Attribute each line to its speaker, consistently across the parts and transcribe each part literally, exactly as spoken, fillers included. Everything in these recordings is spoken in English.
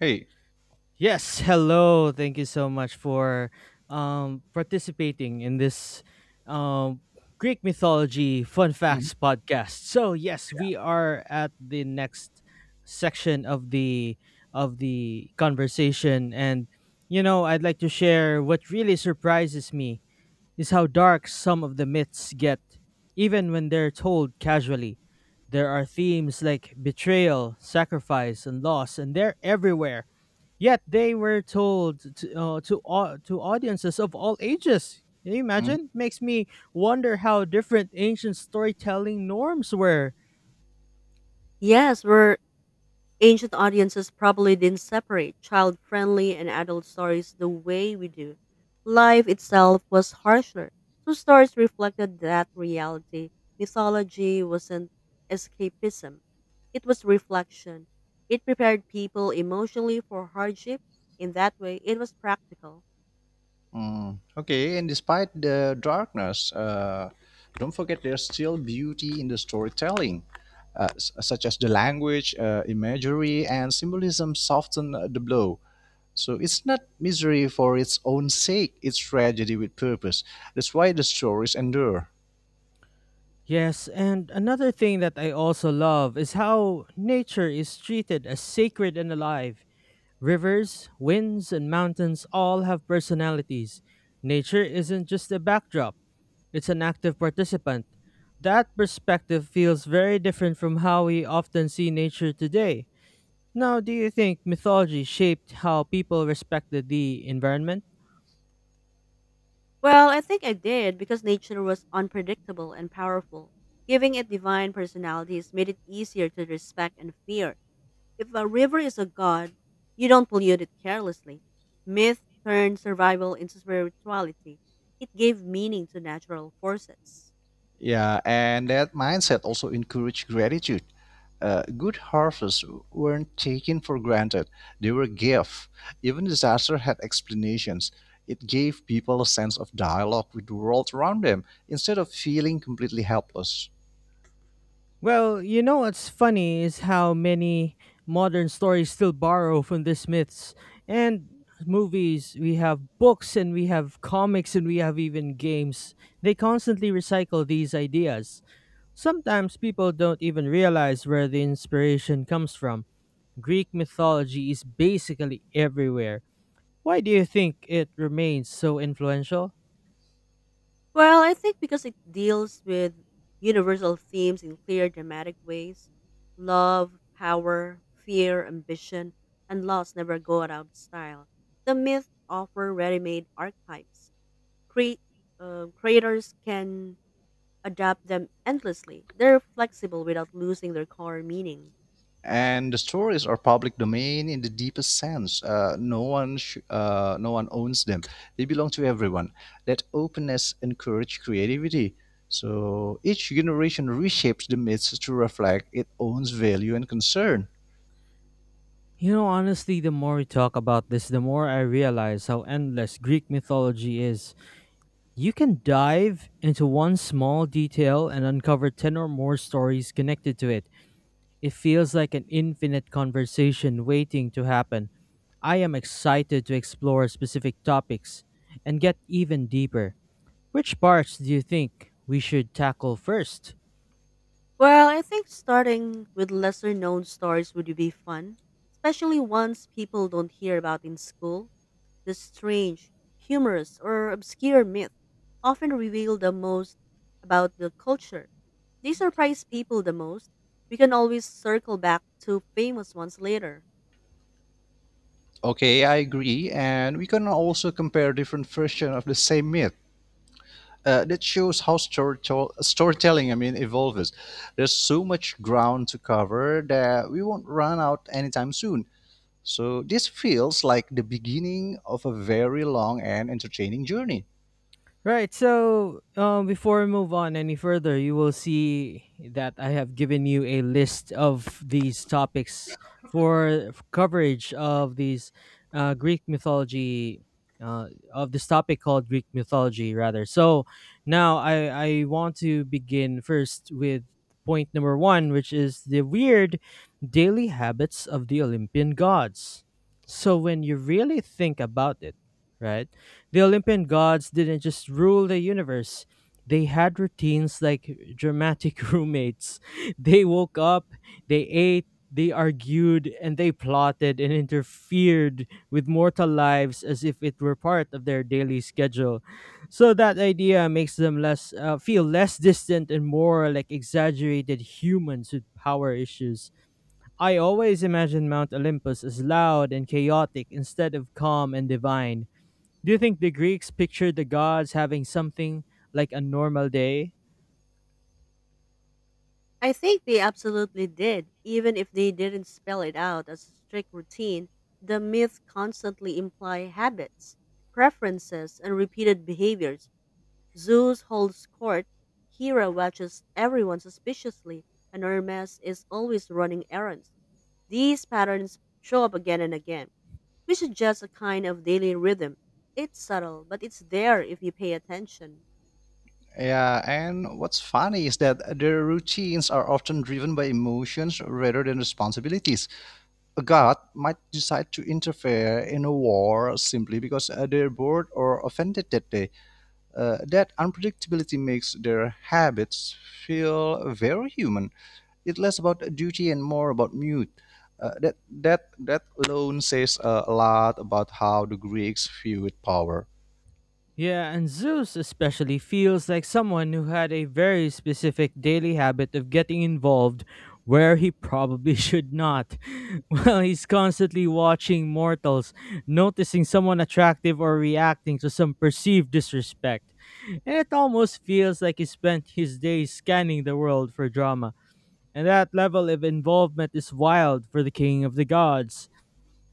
Speaker 1: Hey.
Speaker 2: Yes, hello. Thank you so much for um participating in this um Greek mythology fun
Speaker 1: Mhm,
Speaker 2: facts podcast. So, yes, we are at the next section of the of the conversation and you know, I'd like to share what really surprises me is how dark some of the myths get even when they're told casually. There are themes like betrayal, sacrifice, and loss, and they're everywhere. Yet they were told to uh, to, au- to audiences of all ages. Can you
Speaker 1: mhm,
Speaker 2: imagine? Makes me wonder how different ancient storytelling norms were.
Speaker 3: Yes, where ancient audiences probably didn't separate child friendly and adult stories the way we do. Life itself was harsher, so stories reflected that reality. Mythology wasn't escapism, it was reflection. It prepared people emotionally for hardship. In that way, it was practical.
Speaker 1: mm. Okay, and despite the darkness, uh, don't forget there's still beauty in the storytelling, uh, s- such as the language, uh, imagery, and symbolism soften uh, the blow. So it's not misery for its own sake, it's tragedy with purpose. That's why the stories endure.
Speaker 2: Yes, and another thing that I also love is how nature is treated as sacred and alive. Rivers, winds, and mountains all have personalities. Nature isn't just a backdrop, it's an active participant. That perspective feels very different from how we often see nature today. Now, do you think mythology shaped how people respected the environment?
Speaker 3: Well, I think I did because nature was unpredictable and powerful. Giving it divine personalities made it easier to respect and fear. If a river is a god, you don't pollute it carelessly. Myth turned survival into spirituality. It gave meaning to natural forces.
Speaker 1: Yeah, and that mindset also encouraged gratitude. Uh, good harvests weren't taken for granted, they were gifts. Even disaster had explanations. It gave people a sense of dialogue with the world around them instead of feeling completely helpless.
Speaker 2: Well, you know what's funny is how many modern stories still borrow from these myths. And movies, we have books, and we have comics, and we have even games. They constantly recycle these ideas. Sometimes people don't even realize where the inspiration comes from. Greek mythology is basically everywhere. Why do you think it remains so influential?
Speaker 3: Well, I think because it deals with universal themes in clear, dramatic ways: love, power, fear, ambition, and loss never go out of style. The myths offer ready made archetypes. Cre- uh, Creators can adapt them endlessly. They're flexible without losing their core meaning.
Speaker 1: And the stories are public domain in the deepest sense. Uh, no one, sh- uh, no one owns them. They belong to everyone. That openness encourages creativity. So each generation reshapes the myths to reflect its own value and concern.
Speaker 2: You know, honestly, the more we talk about this, the more I realize how endless Greek mythology is. You can dive into one small detail and uncover ten or more stories connected to it. It feels like an infinite conversation waiting to happen. I am excited to explore specific topics and get even deeper. Which parts do you think we should tackle first?
Speaker 3: Well, I think starting with lesser known stories would be fun, especially ones people don't hear about in school. The strange, humorous, or obscure myth often reveal the most about the culture. They surprise people the most. We can always circle back to famous ones later.
Speaker 1: Okay, I agree, and we can also compare different versions of the same myth. Uh, that shows how storytell- storytelling, I mean, evolves. There's so much ground to cover that we won't run out anytime soon. So this feels like the beginning of a very long and entertaining journey.
Speaker 2: Right. So, um, before we move on any further, you will see that I have given you a list of these topics for coverage of these uh, Greek mythology, uh, of this topic called Greek mythology, rather. So, now I, I want to begin first with point number one, which is the weird daily habits of the Olympian gods. So, when you really think about it, right? The Olympian gods didn't just rule the universe. They had routines like dramatic roommates. They woke up, they ate, they argued, and they plotted and interfered with mortal lives as if it were part of their daily schedule. So that idea makes them less uh, feel less distant and more like exaggerated humans with power issues. I always imagine Mount Olympus as loud and chaotic instead of calm and divine. Do you think the Greeks pictured the gods having something like a normal day?
Speaker 3: I think they absolutely did, even if they didn't spell it out as a strict routine. The myths constantly imply habits, preferences, and repeated behaviors. Zeus holds court, Hera watches everyone suspiciously, and Hermes is always running errands. These patterns show up again and again, which is just a kind of daily rhythm. It's subtle, but it's there if you pay attention.
Speaker 1: Yeah, and what's funny is that their routines are often driven by emotions rather than responsibilities. A god might decide to interfere in a war simply because uh, they're bored or offended that day. Uh, that unpredictability makes their habits feel very human. It's less about duty and more about mute. Uh, that that that alone says uh, a lot about how the Greeks viewed power.
Speaker 2: Yeah, and Zeus especially feels like someone who had a very specific daily habit of getting involved where he probably should not. Well, he's constantly watching mortals, noticing someone attractive or reacting to some perceived disrespect. And it almost feels like he spent his days scanning the world for drama. And that level of involvement is wild for the king of the gods.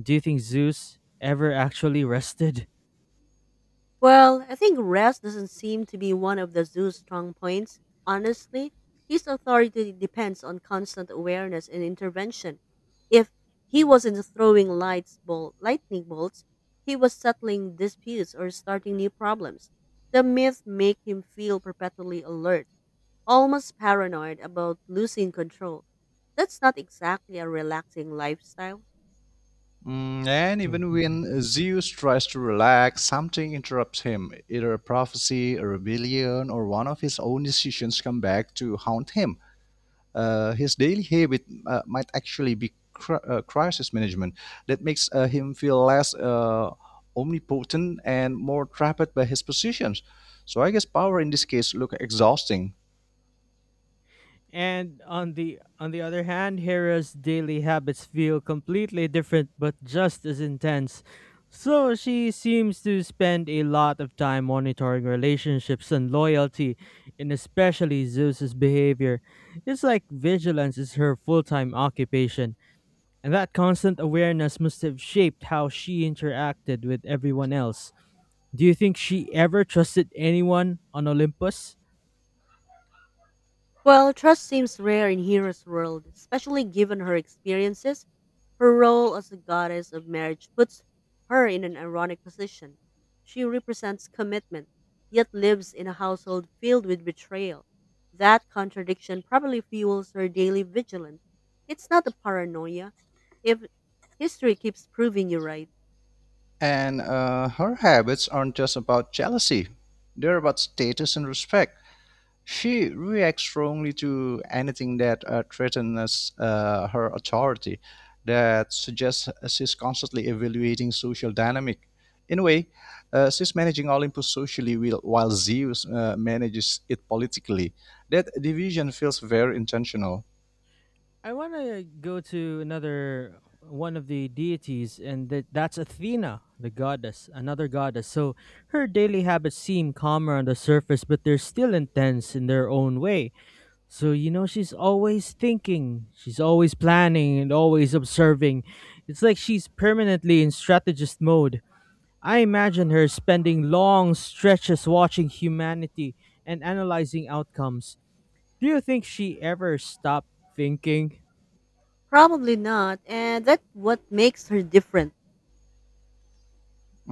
Speaker 2: Do you think Zeus ever actually rested?
Speaker 3: Well, I think rest doesn't seem to be one of the zoo's strong points. Honestly, his authority depends on constant awareness and intervention. If he wasn't throwing lights bol- lightning bolts, he was settling disputes or starting new problems. The myth make him feel perpetually alert, almost paranoid about losing control. That's not exactly a relaxing lifestyle.
Speaker 1: Mm, and even when Zeus tries to relax, something interrupts him. Either a prophecy, a rebellion, or one of his own decisions come back to haunt him. Uh, his daily habit uh, might actually be cri- uh, crisis management that makes uh, him feel less uh, omnipotent and more trapped by his positions. So I guess power in this case look exhausting.
Speaker 2: And on the on the other hand, Hera's daily habits feel completely different but just as intense. So she seems to spend a lot of time monitoring relationships and loyalty, and especially Zeus's behavior. It's like vigilance is her full-time occupation. And that constant awareness must have shaped how she interacted with everyone else. Do you think she ever trusted anyone on Olympus?
Speaker 3: Well, trust seems rare in Hera's world, especially given her experiences. Her role as the goddess of marriage puts her in an ironic position. She represents commitment, yet lives in a household filled with betrayal. That contradiction probably fuels her daily vigilance. It's not a paranoia. If history keeps proving you right,
Speaker 1: And uh, her habits aren't just about jealousy; they're about status and respect. She reacts strongly to anything that uh, threatens uh, her authority, that suggests uh, she's constantly evaluating social dynamic. In a way, uh, she's managing Olympus socially while while Zeus uh, manages it politically. That division feels very intentional.
Speaker 2: I want to go to another one of the deities, and that, that's Athena, the goddess, another goddess. So her daily habits seem calmer on the surface, but they're still intense in their own way. So, you know, she's always thinking, she's always planning, and always observing. It's like she's permanently in strategist mode. I imagine her spending long stretches watching humanity and analyzing outcomes. Do you think she ever stopped thinking?
Speaker 3: probably not, and that's what makes her different.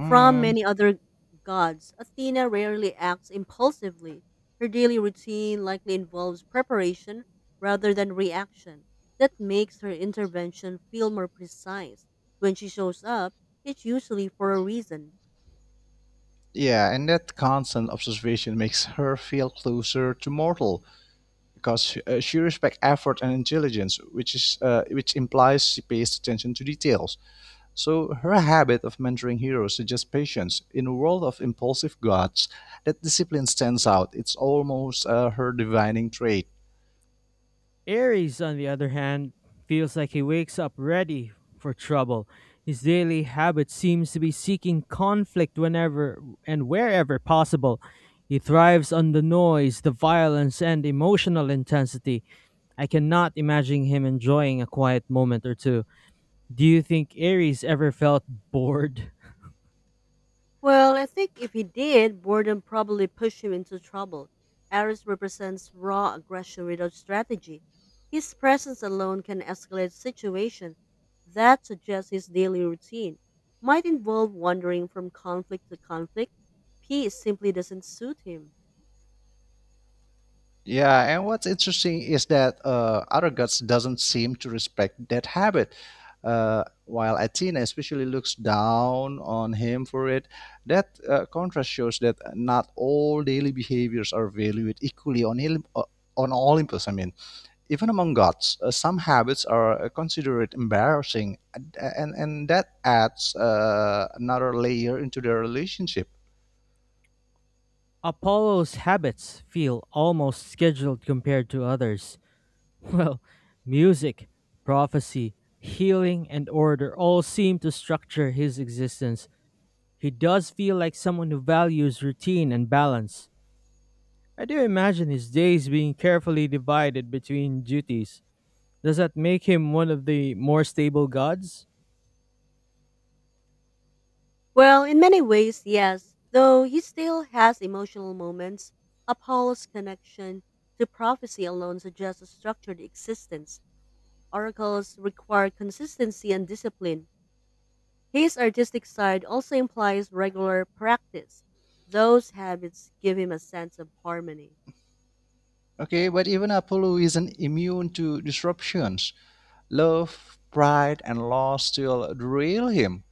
Speaker 3: From many other gods, Athena rarely acts impulsively. Her daily routine likely involves preparation rather than reaction. That makes her intervention feel more precise. When she shows up, it's usually for a reason.
Speaker 1: Yeah, and that constant observation makes her feel closer to mortal because she, uh, she respects effort and intelligence, which is uh, which implies she pays attention to details. So her habit of mentoring heroes suggests patience in a world of impulsive gods. That discipline stands out. It's almost uh, her divining trait.
Speaker 2: Aries, on the other hand, feels like he wakes up ready for trouble. His daily habit seems to be seeking conflict whenever and wherever possible. He thrives on the noise, the violence, and emotional intensity. I cannot imagine him enjoying a quiet moment or two. Do you think Aries ever felt bored?
Speaker 3: Well, I think if he did, boredom probably pushed him into trouble. Aris represents raw aggression without strategy. His presence alone can escalate situation. That suggests his daily routine might involve wandering from conflict to conflict. Peace simply doesn't suit him.
Speaker 1: Yeah, and what's interesting is that uh, other doesn't seem to respect that habit. Uh, while Athena especially looks down on him for it, that uh, contrast shows that not all daily behaviors are valued equally on Olymp- on Olympus. I mean. Even among gods, uh, some habits are uh, considered embarrassing, and, and, and that adds uh, another layer into their relationship.
Speaker 2: Apollo's habits feel almost scheduled compared to others. Well, music, prophecy, healing, and order all seem to structure his existence. He does feel like someone who values routine and balance. I do imagine his days being carefully divided between duties. Does that make him one of the more stable gods?
Speaker 3: Well, in many ways, yes, though he still has emotional moments. Apollo's connection to prophecy alone suggests a structured existence. Oracles require consistency and discipline. His artistic side also implies regular practice. Those habits give him a sense of harmony.
Speaker 1: Okay, but even Apollo isn't immune to disruptions. Love, pride, and loss still derail him.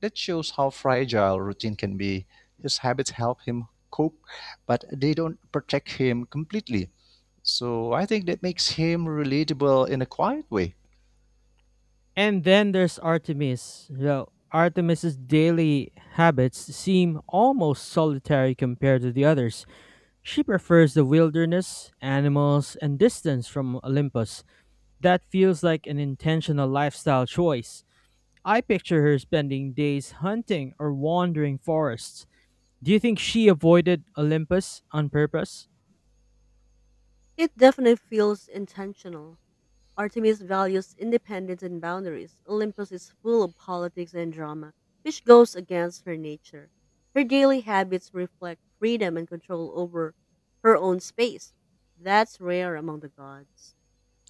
Speaker 1: That shows how fragile routine can be. His habits help him cope, but they don't protect him completely. So I think that makes him relatable in a quiet way.
Speaker 2: And then there's Artemis. Well, Artemis's daily habits seem almost solitary compared to the others. She prefers the wilderness, animals, and distance from Olympus. That feels like an intentional lifestyle choice. I picture her spending days hunting or wandering forests. Do you think she avoided Olympus on purpose?
Speaker 3: It definitely feels intentional. Artemis values independence and boundaries. Olympus is full of politics and drama, which goes against her nature. Her daily habits reflect freedom and control over her own space. That's rare among the gods.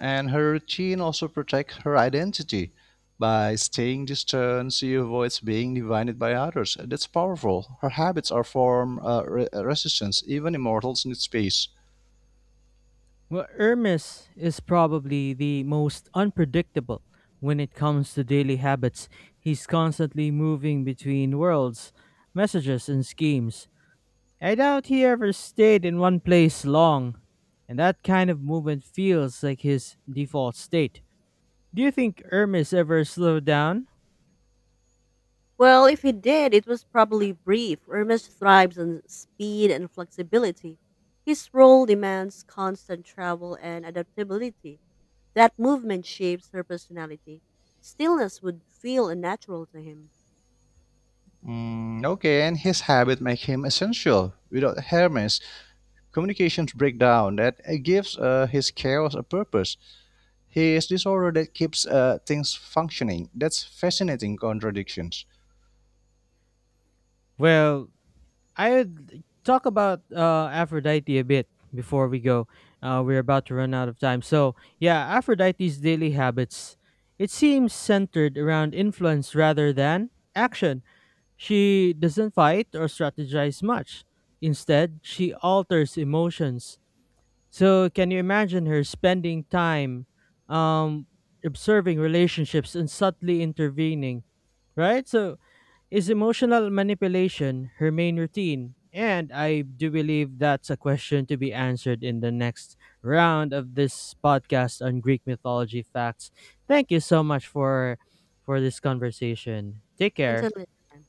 Speaker 1: And her routine also protects her identity. By staying distant, she avoids being divided by others. That's powerful. Her habits are form uh, re- resistance. Even immortals need space.
Speaker 2: Well, Hermes is probably the most unpredictable when it comes to daily habits. He's constantly moving between worlds, messages, and schemes. I doubt he ever stayed in one place long, and that kind of movement feels like his default state. Do you think Hermes ever slowed down?
Speaker 3: Well, if he did, it was probably brief. Hermes thrives on speed and flexibility. His role demands constant travel and adaptability. That movement shapes her personality. Stillness would feel unnatural to him.
Speaker 1: Mm, okay, and his habit make him essential. Without Hermes, communications breakdown that uh, gives uh, his chaos a purpose, his disorder that keeps uh, things functioning. That's fascinating contradictions.
Speaker 2: Well, I'd talk about uh, Aphrodite a bit before we go. Uh, we're about to run out of time. So, yeah, Aphrodite's daily habits. It seems centered around influence rather than action. She doesn't fight or strategize much. Instead, she alters emotions. So, can you imagine her spending time um, observing relationships and subtly intervening? Right? So, is emotional manipulation her main routine? And I do believe that's a question to be answered in the next round of this podcast on Greek mythology facts. Thank you so much for for this conversation. Take
Speaker 3: Until
Speaker 2: care.
Speaker 3: next time.